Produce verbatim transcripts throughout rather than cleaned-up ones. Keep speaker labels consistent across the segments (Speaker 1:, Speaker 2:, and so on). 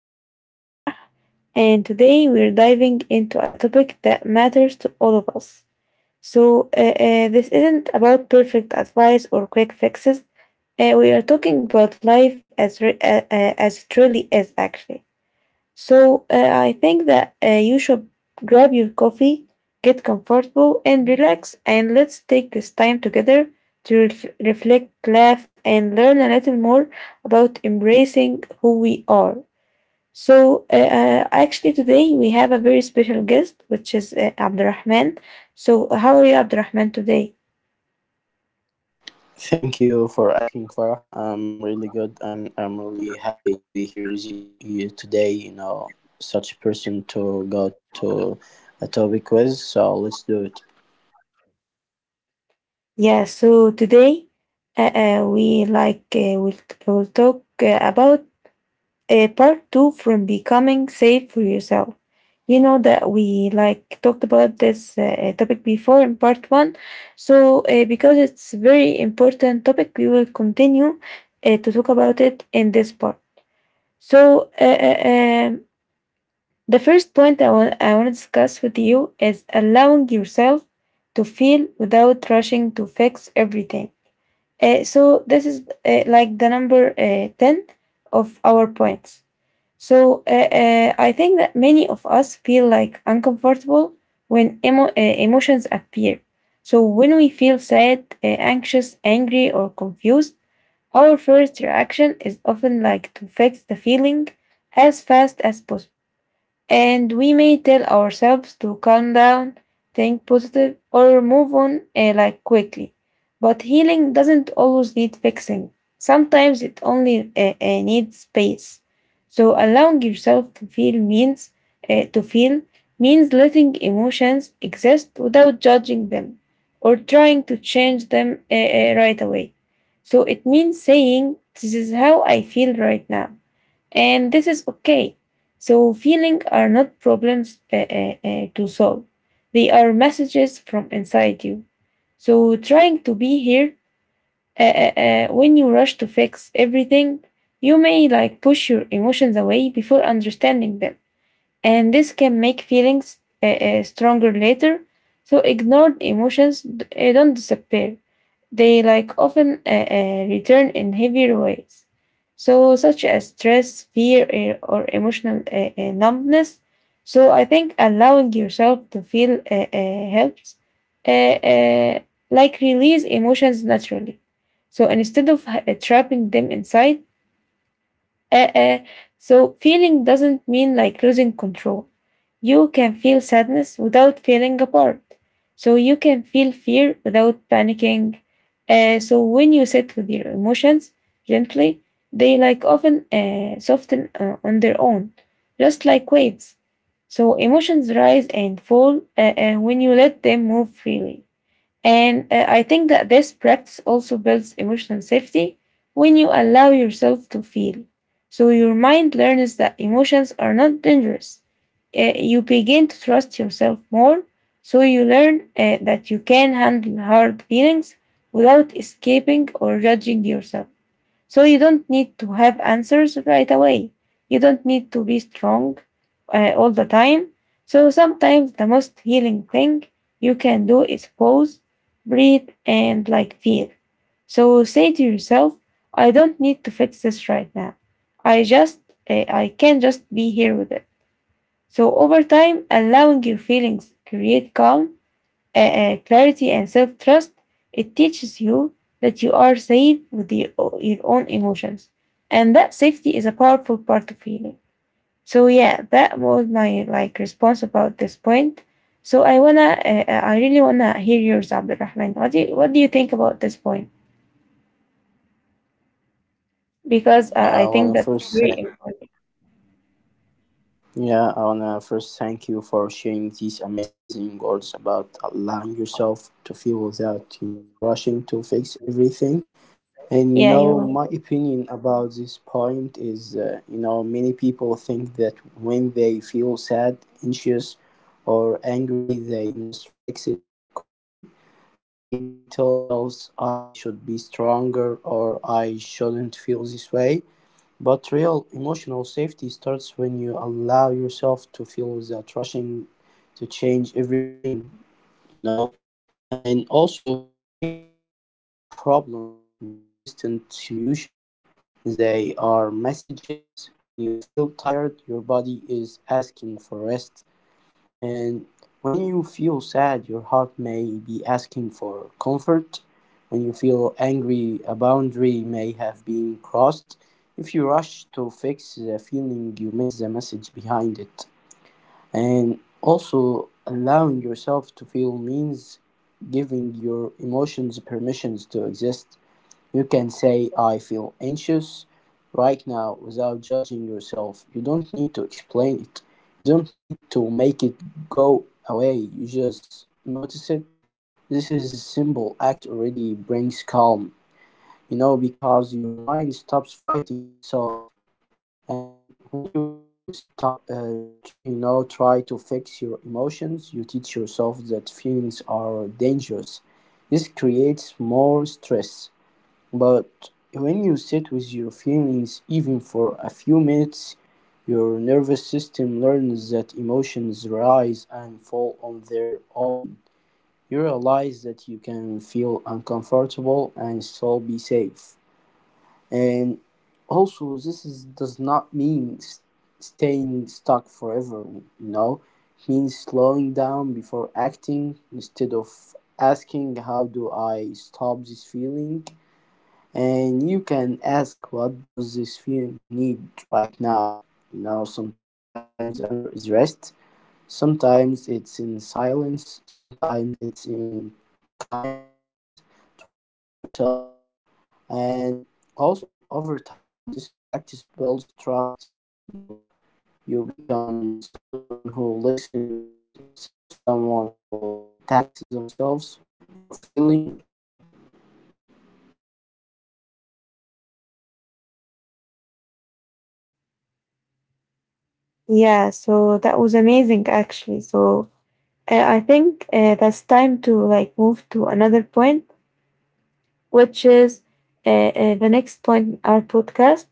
Speaker 1: I'm your host Farah, and today we're diving into a topic that matters to all of us. So, uh, uh, this isn't about perfect advice or quick fixes. Uh, we are talking about life as, re- uh, uh, as it really is, actually. So uh, I think that uh, you should grab your coffee, get comfortable, and relax. And let's take this time together to ref- reflect, laugh, and learn a little more about embracing who we are. So uh, uh, actually, today we have a very special guest, which is uh, Abdurrahman. So how are you, Abdurrahman, today?
Speaker 2: Thank you for asking, Farah. I'm really good, and I'm really happy to be here with you, you today. You know, such a person to go to a topic quiz. So let's do it.
Speaker 1: Yeah. So today, uh, uh, we like uh, we'll, we'll talk uh, about uh, part two from becoming safe for yourself. You know that we like talked about this uh, topic before in part one. So uh, because it's very important topic, we will continue uh, to talk about it in this part. So uh, uh, um, the first point I want I want to discuss with you is allowing yourself to feel without rushing to fix everything. Uh, so this is uh, like the number uh, ten of our points. So uh, uh, I think that many of us feel like uncomfortable when emo- uh, emotions appear. So when we feel sad, uh, anxious, angry, or confused, our first reaction is often like to fix the feeling as fast as possible. And we may tell ourselves to calm down, think positive, or move on uh, like quickly. But healing doesn't always need fixing. Sometimes it only uh, uh, needs space. So allowing yourself to feel means uh, to feel means letting emotions exist without judging them or trying to change them uh, uh, right away. So it means saying, this is how I feel right now and this is okay. So feelings are not problems uh, uh, uh, to solve. They are messages from inside you. So trying to be here uh, uh, uh, when you rush to fix everything, you may like push your emotions away before understanding them. And this can make feelings uh, uh, stronger later. So ignored emotions uh, don't disappear. They like often uh, uh, return in heavier ways, so such as stress, fear, eh, or emotional uh, uh, numbness. So I think allowing yourself to feel uh, uh, helps, uh, uh, like release emotions naturally. So instead of uh, trapping them inside, uh, uh, so, feeling doesn't mean like losing control. You can feel sadness without feeling apart. So, you can feel fear without panicking. Uh, so, when you sit with your emotions gently, they like often uh, soften uh, on their own, just like waves. So, emotions rise and fall uh, uh, when you let them move freely. And uh, I think that this practice also builds emotional safety when you allow yourself to feel. So your mind learns that emotions are not dangerous. Uh, you begin to trust yourself more. So you learn uh, that you can handle hard feelings without escaping or judging yourself. So you don't need to have answers right away. You don't need to be strong uh, all the time. So sometimes the most healing thing you can do is pause, breathe, and like feel. So say to yourself, I don't need to fix this right now. I just, uh, I can just be here with it. So over time, allowing your feelings create calm, uh, uh, clarity and self trust. It teaches you that you are safe with your, your own emotions, and that safety is a powerful part of healing. So yeah, that was my like response about this point. So I wanna, uh, uh, I really wanna hear yours, Abdulrahman. What do you, what do you think about this point?
Speaker 2: So
Speaker 1: Because uh,
Speaker 2: I
Speaker 1: I
Speaker 2: wanna
Speaker 1: think that's
Speaker 2: first,
Speaker 1: very
Speaker 2: tha-
Speaker 1: important.
Speaker 2: yeah, I wanna first thank you for sharing these amazing words about allowing yourself to feel without, you know, rushing to fix everything. And you
Speaker 1: Yeah,
Speaker 2: know, my
Speaker 1: you.
Speaker 2: opinion about this point is, uh, you know, many people think that when they feel sad, anxious, or angry, they must fix it quickly. They tell themselves, I should be stronger or I shouldn't feel this way. But real emotional safety starts when you allow yourself to feel without rushing to change everything, you know. And also, feelings are not problems that need instant solutions, they are messages. When you feel tired, your body is asking for rest, and when you feel sad, your heart may be asking for comfort. When you feel angry, a boundary may have been crossed. If you rush to fix the feeling, you miss the message behind it. And also, allowing yourself to feel means giving your emotions permissions to exist. You can say "I feel anxious" right now without judging yourself. You don't need to explain it. You don't need to make it go away. You just notice it. This is a simple act already brings calm, you know, because your mind stops fighting itself. And when you always, tar- uh, st- you know, try to fix your emotions, you teach yourself that feelings are dangerous. This creates more stress. But when you sit with your feelings even for a few minutes, your nervous system learns that emotions rise and fall on their own. You realize that you can feel uncomfortable and still be safe. And also, this is, does not mean s- staying stuck forever, you know? It means slowing down before acting. Instead of asking, How do I stop this feeling? And you can ask, what does this film need right now? You know, sometimes the answer is rest, sometimes it's in silence, sometimes it's in kindness toward yourself. And also, over time, this practice builds trust inside you. You become someone who listens instead of someone who attacks themselves.
Speaker 1: Yeah, so that was amazing, actually. So uh, I think uh, that's time to like move to another point which is uh, uh, the next point in our podcast.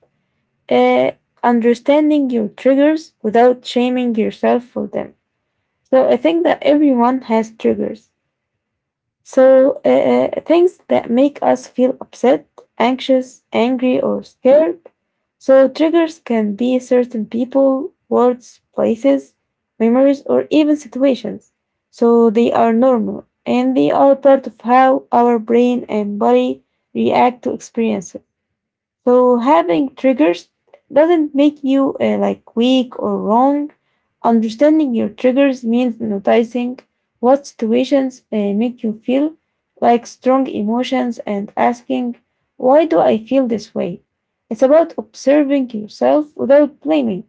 Speaker 1: Uh, Understanding your triggers without shaming yourself for them. So I think that everyone has triggers. So, uh, uh, things that make us feel upset, anxious, angry, or scared. So, triggers can be certain people, words, places, memories, or even situations. So, they are normal and they are part of how our brain and body react to experiences. So having triggers doesn't make you uh, like weak or wrong. Understanding your triggers means noticing what situations uh, make you feel like strong emotions and asking, why do I feel this way? It's about observing yourself without blaming.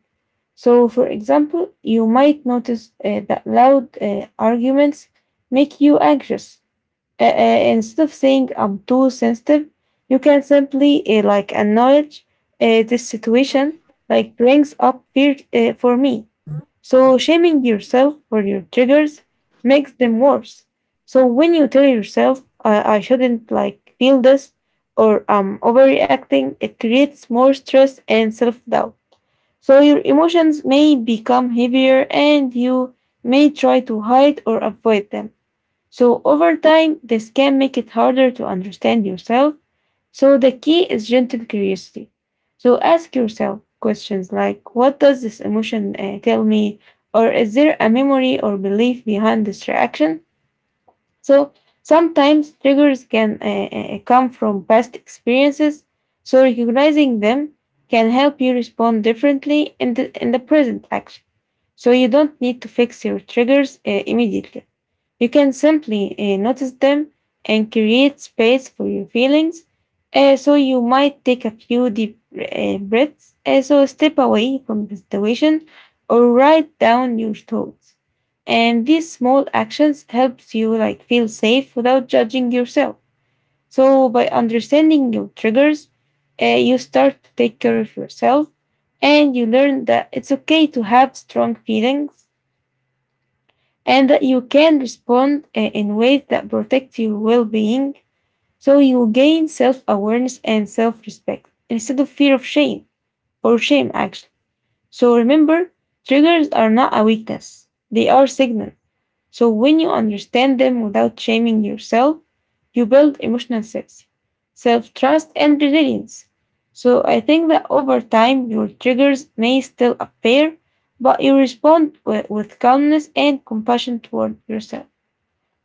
Speaker 1: So, for example, you might notice uh, that loud uh, arguments make you anxious. Uh, uh, instead of saying I'm too sensitive, you can simply uh, like acknowledge uh, this situation like brings up fear uh, for me. So shaming yourself for your triggers makes them worse. So when you tell yourself I, I shouldn't like feel this or I'm overreacting, it creates more stress and self-doubt. So your emotions may become heavier and you may try to hide or avoid them. So over time, this can make it harder to understand yourself. So the key is gentle curiosity. So ask yourself questions like, what does this emotion uh, tell me? Or is there a memory or belief behind this reaction? So sometimes triggers can uh, uh, come from past experiences. So recognizing them can help you respond differently in the, in the present action. So you don't need to fix your triggers uh, immediately. You can simply uh, notice them and create space for your feelings. Uh, so you might take a few deep uh, breaths. Uh, so step away from the situation or write down your thoughts. And these small actions helps you like feel safe without judging yourself. So by understanding your triggers, uh, you start to take care of yourself and you learn that it's okay to have strong feelings and that you can respond uh, in ways that protect your well being, so you gain self awareness and self respect instead of fear of shame or shame, actually. So remember, triggers are not a weakness, they are signals. So when you understand them without shaming yourself, you build emotional safety, self trust, and resilience. So I think that over time, your triggers may still appear, but you respond with, with calmness and compassion toward yourself.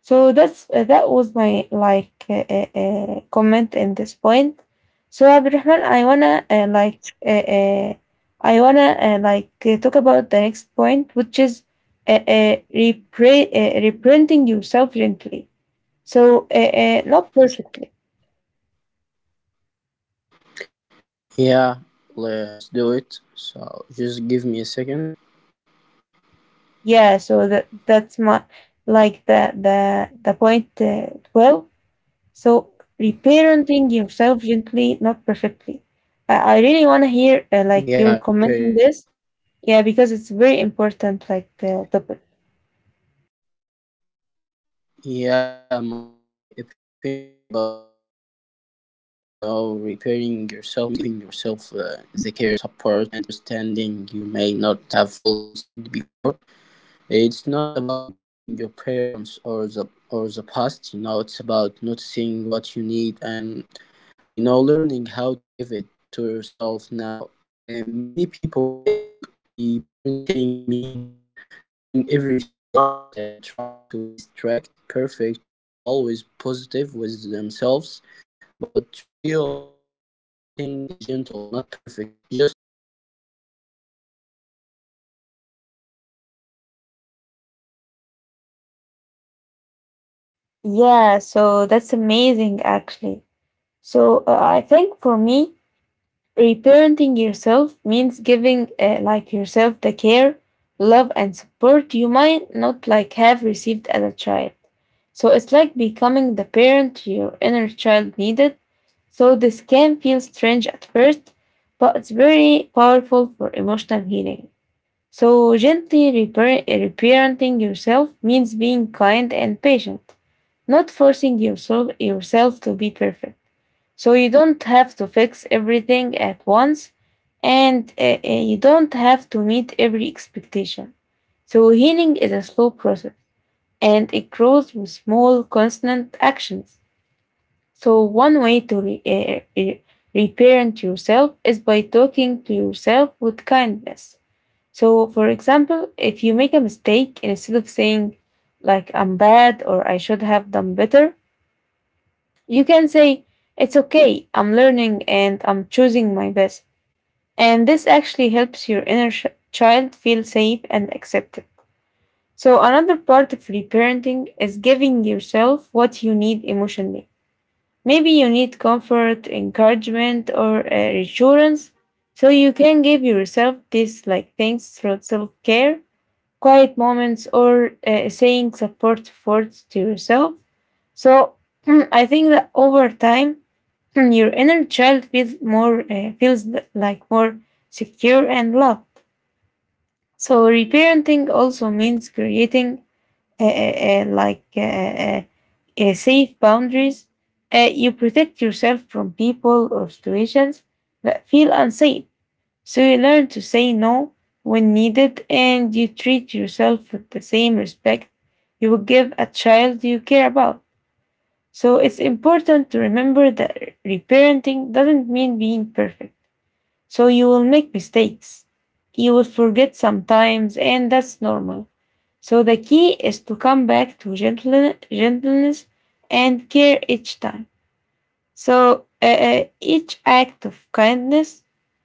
Speaker 1: So that's uh, that was my like uh, uh, uh, comment in this point. So Abdurrahman, I wanna uh, like uh, uh, I wanna uh, like uh, talk about the next point, which is uh, uh, repre- uh, reprinting yourself gently. So uh, uh, not perfectly.
Speaker 2: Yeah, le- let's do it. So just give me a second.
Speaker 1: Yeah. So that that's my like the the the point uh, twelve. So reparenting yourself gently, not perfectly. I I really want to hear uh, like your
Speaker 2: Yeah,
Speaker 1: comment on
Speaker 2: repairing.
Speaker 1: this. Yeah, because it's very important, like the topic.
Speaker 2: Yeah, my opinion about this is, you know, repairing yourself means giving yourself uh, the care, support, and understanding you may not have fully received before. It's not about blaming your parents or the or the past, you know, it's about noticing what you need and, you know, learning how to give it to yourself now. And many people think eh, parenting means doing everything right. They try to be strict, perfect, or always positive with themselves. But real reparenting is gentle, not perfect. Just like, you know, a kind parent, you learn as you go. You make mistakes and you keep showing up anyway.
Speaker 1: Yeah,
Speaker 2: And
Speaker 1: so that's
Speaker 2: also,
Speaker 1: amazing,
Speaker 2: gentle
Speaker 1: actually.
Speaker 2: reparenting
Speaker 1: So uh,
Speaker 2: starts
Speaker 1: I
Speaker 2: with
Speaker 1: think
Speaker 2: how
Speaker 1: for
Speaker 2: you
Speaker 1: me,
Speaker 2: talk to yourself. When you feel
Speaker 1: reparenting
Speaker 2: tired,
Speaker 1: yourself means giving
Speaker 2: instead of
Speaker 1: uh, like
Speaker 2: pushing
Speaker 1: yourself the
Speaker 2: harder,
Speaker 1: care,
Speaker 2: you allow
Speaker 1: love,
Speaker 2: rest.
Speaker 1: and
Speaker 2: When you make
Speaker 1: support you
Speaker 2: a
Speaker 1: might not
Speaker 2: mistake, you
Speaker 1: like
Speaker 2: know,
Speaker 1: have received as
Speaker 2: instead
Speaker 1: a
Speaker 2: of
Speaker 1: child.
Speaker 2: yelling at
Speaker 1: So it's like
Speaker 2: yourself, you
Speaker 1: becoming the
Speaker 2: offer
Speaker 1: parent your
Speaker 2: understanding.
Speaker 1: inner
Speaker 2: You can
Speaker 1: child needed.
Speaker 2: say, It's
Speaker 1: So
Speaker 2: okay,
Speaker 1: this
Speaker 2: you
Speaker 1: can
Speaker 2: are
Speaker 1: feel strange
Speaker 2: learning.
Speaker 1: at
Speaker 2: This
Speaker 1: first,
Speaker 2: builds
Speaker 1: but it's
Speaker 2: trust
Speaker 1: very
Speaker 2: inside you,
Speaker 1: powerful for emotional
Speaker 2: and
Speaker 1: healing.
Speaker 2: it also
Speaker 1: So,
Speaker 2: means meeting
Speaker 1: gently
Speaker 2: your
Speaker 1: repair-
Speaker 2: basic
Speaker 1: reparenting
Speaker 2: needs. You know,
Speaker 1: yourself
Speaker 2: eating
Speaker 1: means being
Speaker 2: regularly,
Speaker 1: kind and
Speaker 2: sleeping
Speaker 1: patient,
Speaker 2: enough, taking
Speaker 1: not
Speaker 2: breaks,
Speaker 1: forcing
Speaker 2: and
Speaker 1: yourself,
Speaker 2: creating
Speaker 1: yourself to
Speaker 2: routines
Speaker 1: be perfect.
Speaker 2: are simple
Speaker 1: So, you
Speaker 2: but
Speaker 1: don't have
Speaker 2: powerful
Speaker 1: to
Speaker 2: forms
Speaker 1: fix
Speaker 2: of care,
Speaker 1: everything at once
Speaker 2: and these
Speaker 1: and
Speaker 2: actions
Speaker 1: uh, uh,
Speaker 2: tell
Speaker 1: you
Speaker 2: your
Speaker 1: don't
Speaker 2: nervous
Speaker 1: have to
Speaker 2: system
Speaker 1: meet
Speaker 2: that
Speaker 1: every
Speaker 2: someone is paying
Speaker 1: expectation.
Speaker 2: attention.
Speaker 1: So, healing is a slow process and it grows with small, constant actions. So, one way to re- uh, uh, reparent yourself is by talking to yourself with kindness. So, for example, if you make a mistake, instead of saying, like, I'm bad or I should have done better, you can say, it's okay, I'm learning and I'm choosing my best. And this actually helps your inner sh- child feel safe and accepted. So, another part of reparenting is giving yourself what you need emotionally. Maybe you need comfort, encouragement, or uh, reassurance. So, you can give yourself these like things through self care, quiet moments, or uh, saying supportive words to yourself. So I think that over time, your inner child feels more uh, feels like more secure and loved. So reparenting also means creating uh, uh, uh, like uh, uh, uh, safe boundaries. Uh, you protect yourself from people or situations that feel unsafe, so you learn to say no when needed, and you treat yourself with the same respect you would give a child you care about. So it's important to remember that reparenting doesn't mean being perfect. So you will make mistakes. You will forget sometimes and that's normal. So the key is to come back to gentle- gentleness and care each time. So uh, uh, each act of kindness,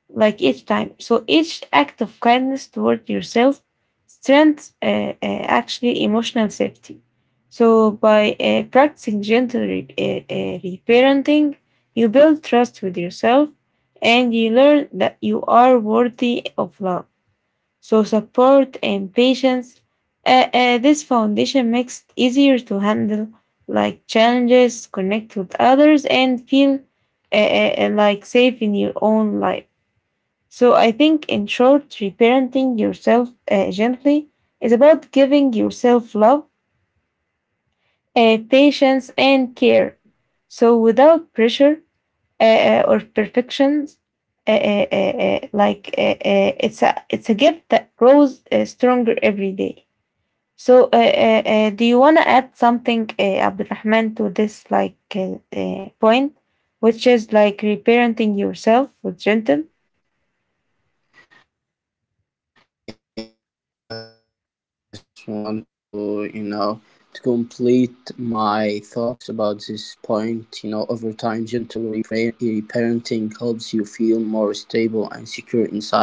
Speaker 1: like each time, so each act of kindness toward yourself strengthens uh, uh, actually emotional safety. So by uh, practicing gentle re- uh, uh, reparenting, you build trust with yourself and you learn that you are worthy of love. So support and patience. Uh, uh, this foundation makes it easier to handle like challenges, connect with others, and feel uh, uh, uh, like safe in your own life. So I think, in short, reparenting yourself uh, gently is about giving yourself love, uh, patience, and care. So without pressure uh, uh, or perfections, uh, uh, uh, uh, like uh, uh, it's a it's a gift that grows uh, stronger every day. So, uh, uh, uh, do you want to add something, uh, Abdurrahman, to this like uh, uh, point, which is like reparenting yourself with gentle?
Speaker 2: Eh, Yeah, I I just want to, you know, to complete my thoughts about this point. You know, over time, gentle repra- reparenting helps you feel more stable and secure inside,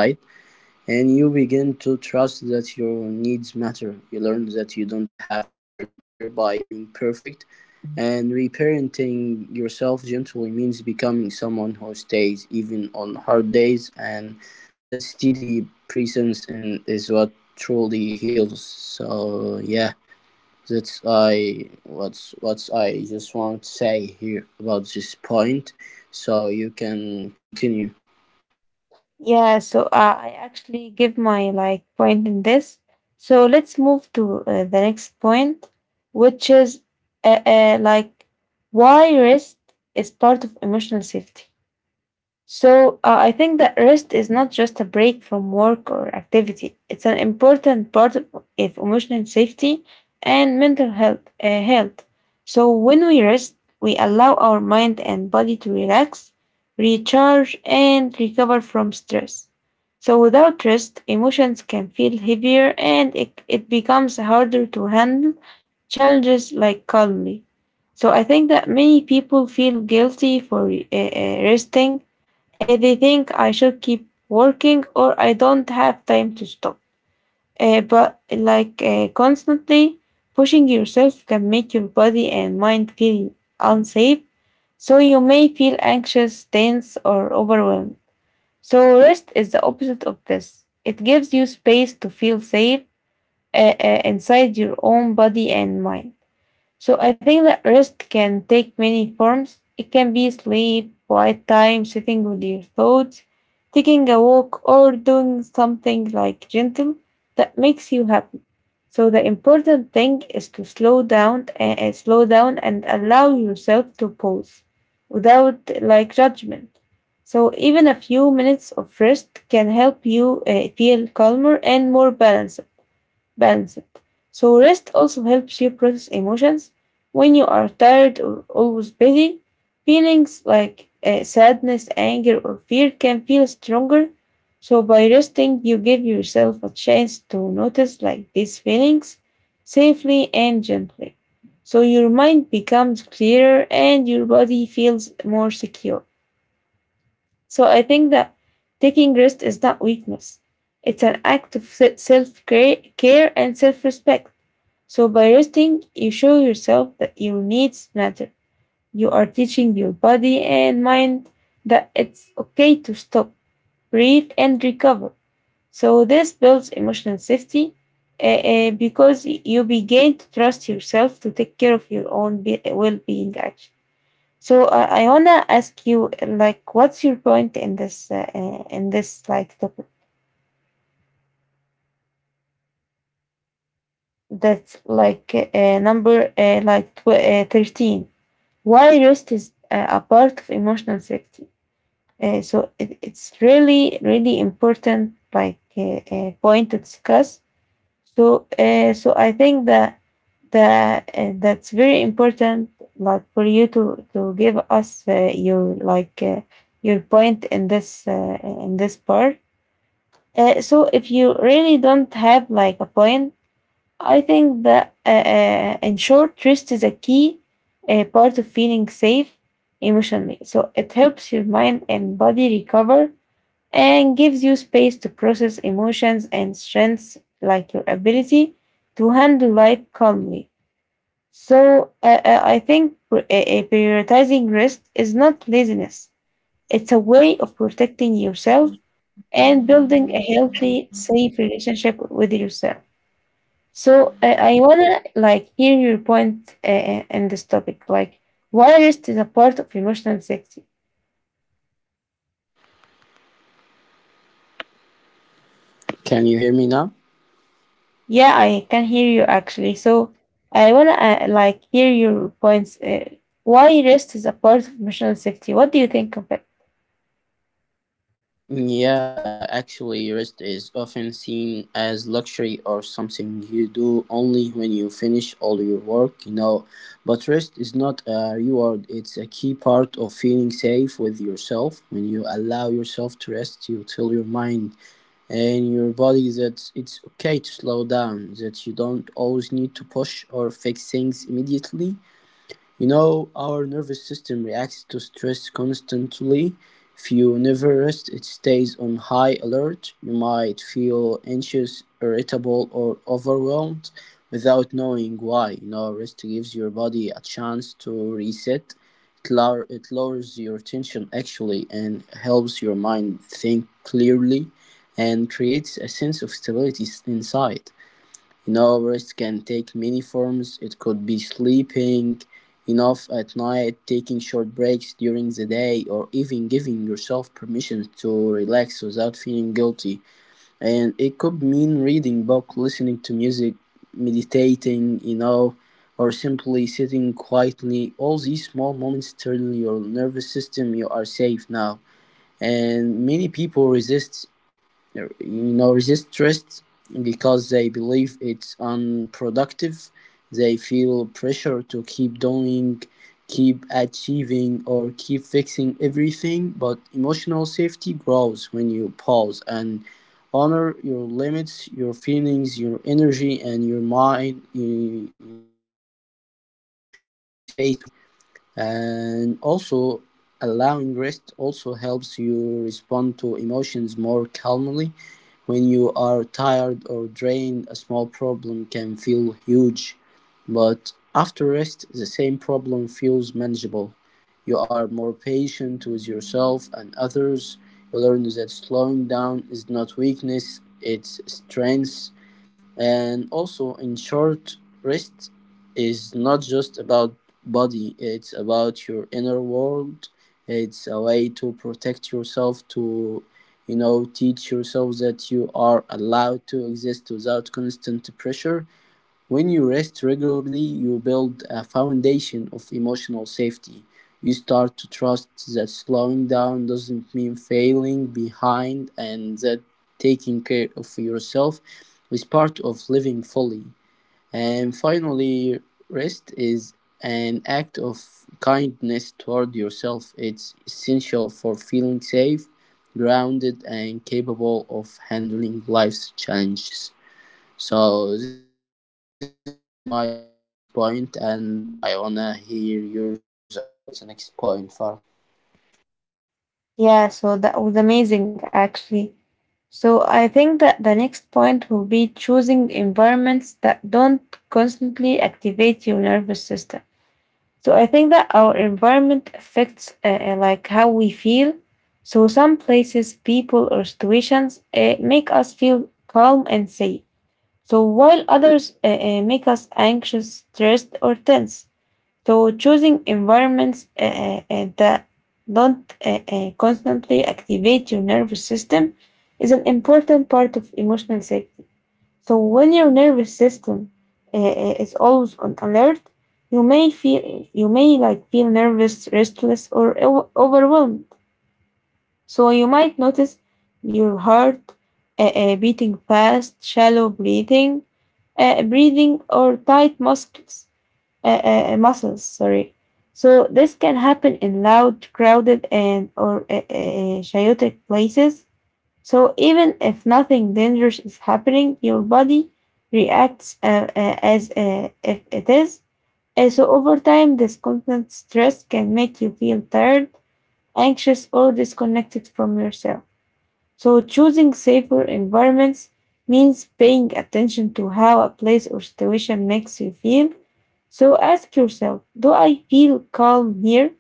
Speaker 2: and you begin to trust that your needs matter. You learn that you don't have to earn care by being perfect, and reparenting yourself gently means becoming someone who stays even on hard days, and that steady presence and is what truly heals. So yeah, that's I what's what I just want to say here about this point. So you can continue.
Speaker 1: Yeah. So, uh, I actually give my like point in this. So let's move to uh, the next point, which is uh, uh, like why rest is part of emotional safety. So uh, I think that rest is not just a break from work or activity. It's an important part of of emotional safety and mental health. uh, health. So when we rest, we allow our mind and body to relax, recharge, and recover from stress. So without rest, emotions can feel heavier and it, it becomes harder to handle challenges like calmly. So I think that many people feel guilty for uh, uh, resting uh, they think I should keep working or I don't have time to stop. Uh, but like uh, constantly pushing yourself can make your body and mind feel unsafe. So you may feel anxious, tense, or overwhelmed. So rest is the opposite of this. It gives you space to feel safe uh, uh, inside your own body and mind. So I think that rest can take many forms. It can be sleep, quiet time, sitting with your thoughts, taking a walk, or doing something like gentle that makes you happy. So the important thing is to slow down and slow down and allow yourself to pause without like judgment. So even a few minutes of rest can help you uh, feel calmer and more balanced balance it. So rest also helps you process emotions. When you are tired or always busy, feelings like uh, sadness, anger, or fear can feel stronger. So by resting, you give yourself a chance to notice like these feelings safely and gently. So your mind becomes clearer and your body feels more secure. So I think that taking rest is not weakness. It's an act of self care, care and self respect. So by resting, you show yourself that your needs matter. You are teaching your body and mind that it's okay to stop, breathe, and recover. So this builds emotional safety uh, uh, because you begin to trust yourself to take care of your own be- well-being. Actually, so uh, I wanna ask you, uh, like, what's your point in this uh, uh, in this like topic?
Speaker 2: Yeah.
Speaker 1: That's like uh, uh, number uh, like tw- uh, thirteen. Why rest is uh, a part of emotional safety. Uh, so it, it's really, really important, like uh, uh, point to discuss. So, uh, so I think that that uh, that's very important, like for you to to give us uh, your like uh, your point in this uh, in this part. Uh, so if you really don't have like a point I think that, uh, uh, in short, rest is a key uh, part of feeling safe emotionally. So it helps your mind and body recover and gives you space to process emotions and strengths like your ability to handle life calmly. So uh, uh, I think pr- uh, uh, prioritizing rest is not laziness. It's a way of protecting yourself and building a healthy, safe relationship with yourself. So uh, I wanna like hear your point uh, uh, in this topic. Like, what rest is a part of emotional safety?
Speaker 2: Can you hear me now?
Speaker 1: Yeah, I can hear you actually. So I wanna uh, like hear your points. Uh, why rest is a part of emotional safety? What do you think of it?
Speaker 2: Yeah, uh, actually, rest is often seen as luxury or something you do only when you finish all your work, you know. But rest is not a reward, it's a key part of feeling safe with yourself. When you allow yourself to rest, you tell your mind and your body that it's okay to slow down, that you don't always need to push or fix things immediately. You know, our nervous system reacts to stress constantly. If you never rest, it stays on high alert. You might feel anxious, irritable, or overwhelmed without knowing why. You know, rest gives your body a chance to reset. It, lower, it lowers your tension actually, and helps your mind think clearly and creates a sense of stability s- inside. Enough can take many forms. It could be sleeping enough at night, taking short breaks during the day, or even giving yourself permission to relax without feeling guilty. And it could mean reading book, listening to music, meditating, you know, or simply sitting quietly. All these small moments tell your nervous system you are safe now. And many people resist, you know, resist stress because they believe it's unproductive. They feel pressure to keep doing keep achieving or keep fixing everything. But emotional safety grows when you pause and honor your limits, your feelings, your energy, and your mind. You, you know need space to breathe. And also, allowing rest also helps you respond to emotions more calmly. When you are tired or drained, a small problem can feel huge, but after rest, the same problem feels manageable. You are more patient with yourself and others. You learn that slowing down is not weakness, it's strength. And also, in short, rest is not just about body, it's about your inner world. It's a way to protect yourself, to, you know, teach yourself that you are allowed to exist without constant pressure. When you rest regularly, you build a foundation of emotional safety. You start to trust that slowing down doesn't mean failing behind and that taking care of yourself is part of living fully. And finally, rest is an act of kindness toward yourself. It's essential for feeling safe, grounded, and capable of handling life's challenges. So this is my opinion about this point, and I wanna hear yours about the next point, Farah.
Speaker 1: Yeah, so that was amazing actually. So I think that the next point will be choosing environments that don't constantly activate your nervous system. So I think that our environment affects uh, uh, like how we feel. So some places, people, or situations uh, make us feel calm and safe. So while others uh, uh, make us anxious, stressed, or tense. So choosing environments uh, uh, uh, that don't uh, uh, constantly activate your nervous system is an important part of emotional safety. So when your nervous system uh, uh, is always on alert, you may feel you may like feel nervous, restless, or o- overwhelmed. So you might notice your heart uh, uh, beating fast, shallow breathing, uh, breathing, or tight muscles. Uh, uh, Muscles, sorry. So this can happen in loud, crowded, and or uh, uh, chaotic places so even if nothing dangerous is happening, your body reacts uh, uh, as uh, if it is. Uh, so over time, this constant stress can make you feel tired, anxious, or disconnected from yourself. So choosing safer environments means paying attention to how a place or situation makes you feel. So ask yourself, do I feel calm here?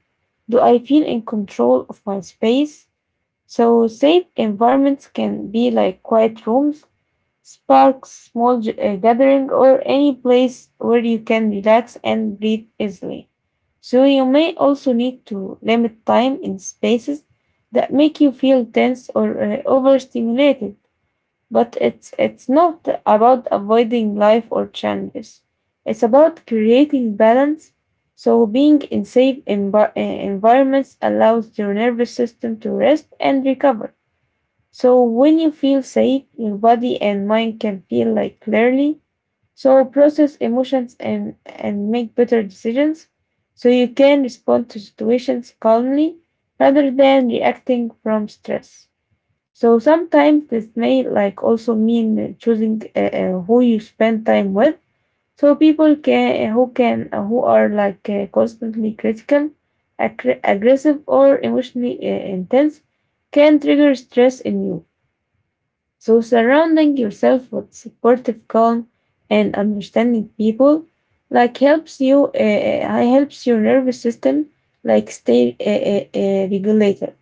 Speaker 1: Do I feel in control of my space? So safe environments can be like quiet rooms, parks, small j- uh, gathering, or any place where you can relax and breathe easily. So you may also need to limit time in spaces that make you feel tense or uh, overstimulated. But it's it's not about avoiding life or challenges. It's about creating balance. So being in safe envi- uh, environments allows your nervous system to rest and recover. So when you feel safe, your body and mind can feel like clearly. So process emotions and, and make better decisions. So you can respond to situations calmly rather than reacting from stress. So sometimes this may like also mean choosing uh, uh, who you spend time with. So people can who can who are like uh, constantly critical, aggr- aggressive, or emotionally uh, intense can trigger stress in you. So, surrounding yourself with supportive, calm, and understanding people, like helps you, uh, uh, helps your nervous system, like stay uh, uh, uh, regulated.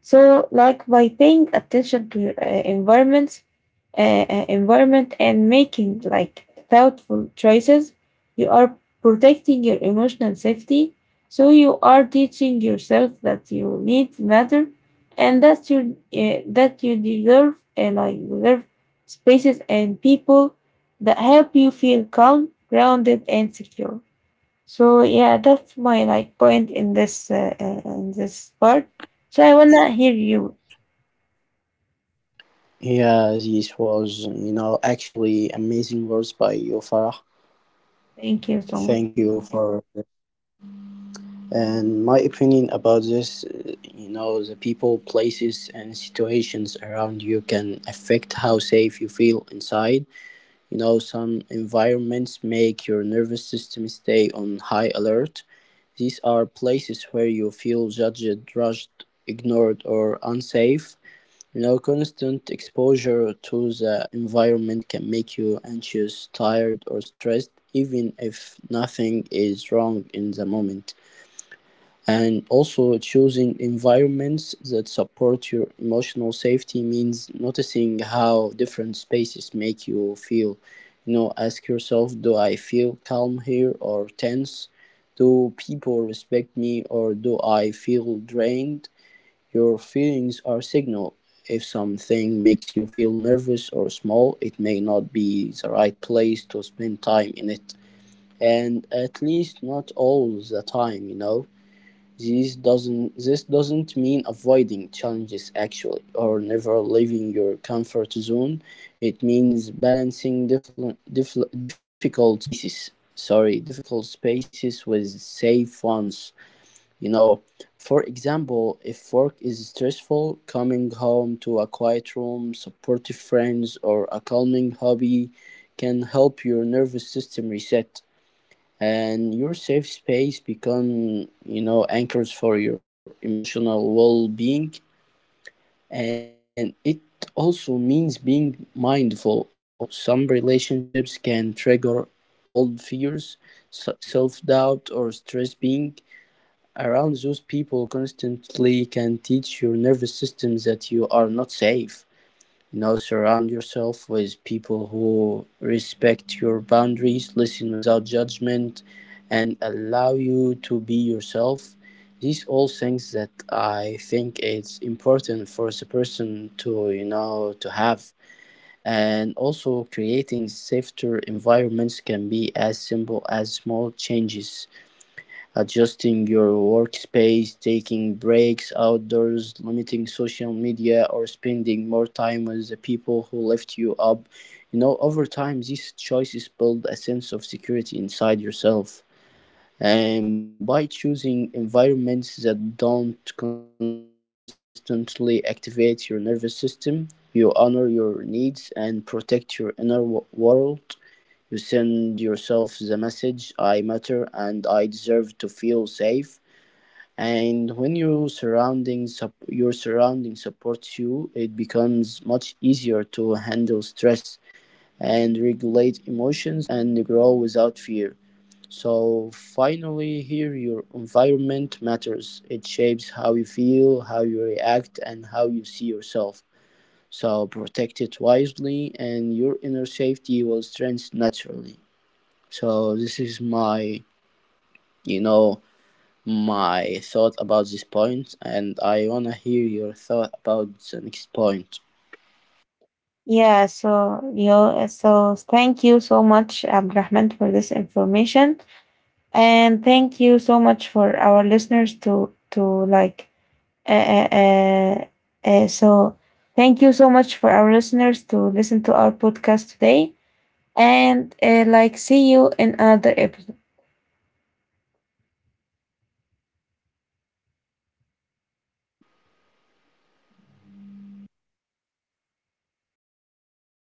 Speaker 1: So, like by paying attention to your uh, environments, uh, uh, environment and making like thoughtful choices, you are protecting your emotional safety. So you are teaching yourself that you need matter, and that you uh, that you deserve and like deserve spaces and people that help you feel calm, grounded, and secure. So yeah, that's my like point in this uh, uh, in this part. So I wanna hear you.
Speaker 2: Yeah, this was, you know, actually amazing words by you, Farah.
Speaker 1: Thank you so much.
Speaker 2: Thank you for and my opinion about this. uh, You know, the people, places, and situations around you can affect how safe you feel inside. You know, some environments make your nervous system stay on high alert. These are places where you feel judged, rushed, ignored, or unsafe. You know, constant exposure to the environment can make you anxious, tired, or stressed, even if nothing is wrong in the moment. And also, choosing environments that support your emotional safety means noticing how different spaces make you feel. You know, ask yourself, do I feel calm here or tense? Do people respect me, or do I feel drained? Your feelings are signal. If something makes you feel nervous or small, it may not be the right place to spend time in it, and at least not all the time, you know. This doesn't this doesn't mean avoiding challenges actually, or never leaving your comfort zone. It means balancing different dif- difficult spaces. Sorry, difficult spaces with safe ones. You know, for example, if work is stressful, coming home to a quiet room, supportive friends, or a calming hobby can help your nervous system reset, and your safe space become, you know, anchors for your emotional well-being. And it also means being mindful of people. Some relationships can trigger old fears, s- self-doubt, or stress. Being around those people constantly can teach your nervous system that you are not safe. You know, surround yourself with people who respect your boundaries, listen without judgment, and allow you to be yourself. These all things that I think it's important for a person to, you know, to have. And also, creating safer environments can be as simple as small changes. Adjusting your workspace, taking breaks outdoors, limiting social media, or spending more time with the people who lift you up. You know, over time, these choices build a sense of security inside yourself. And by choosing environments that don't constantly activate your nervous system, you honor your needs and protect your inner wo- world. You send yourself the message, I matter and I deserve to feel safe. And when your surrounding sup- your surrounding supports you, it becomes much easier to handle stress and regulate emotions and grow without fear. So finally here, your environment matters. It shapes how you feel, how you react, and how you see yourself. So protect it wisely and your inner safety will strengthen naturally. So this is my, you know, my thought about this point, and I wanna hear your thought about the next point.
Speaker 1: Yeah. So you know, so thank you so much, Abdurrahman, for this information, and thank you so much for our listeners to to like. Uh, uh, uh, uh, so thank you so much for our listeners to listen to our podcast today, and uh, like see you in another episode.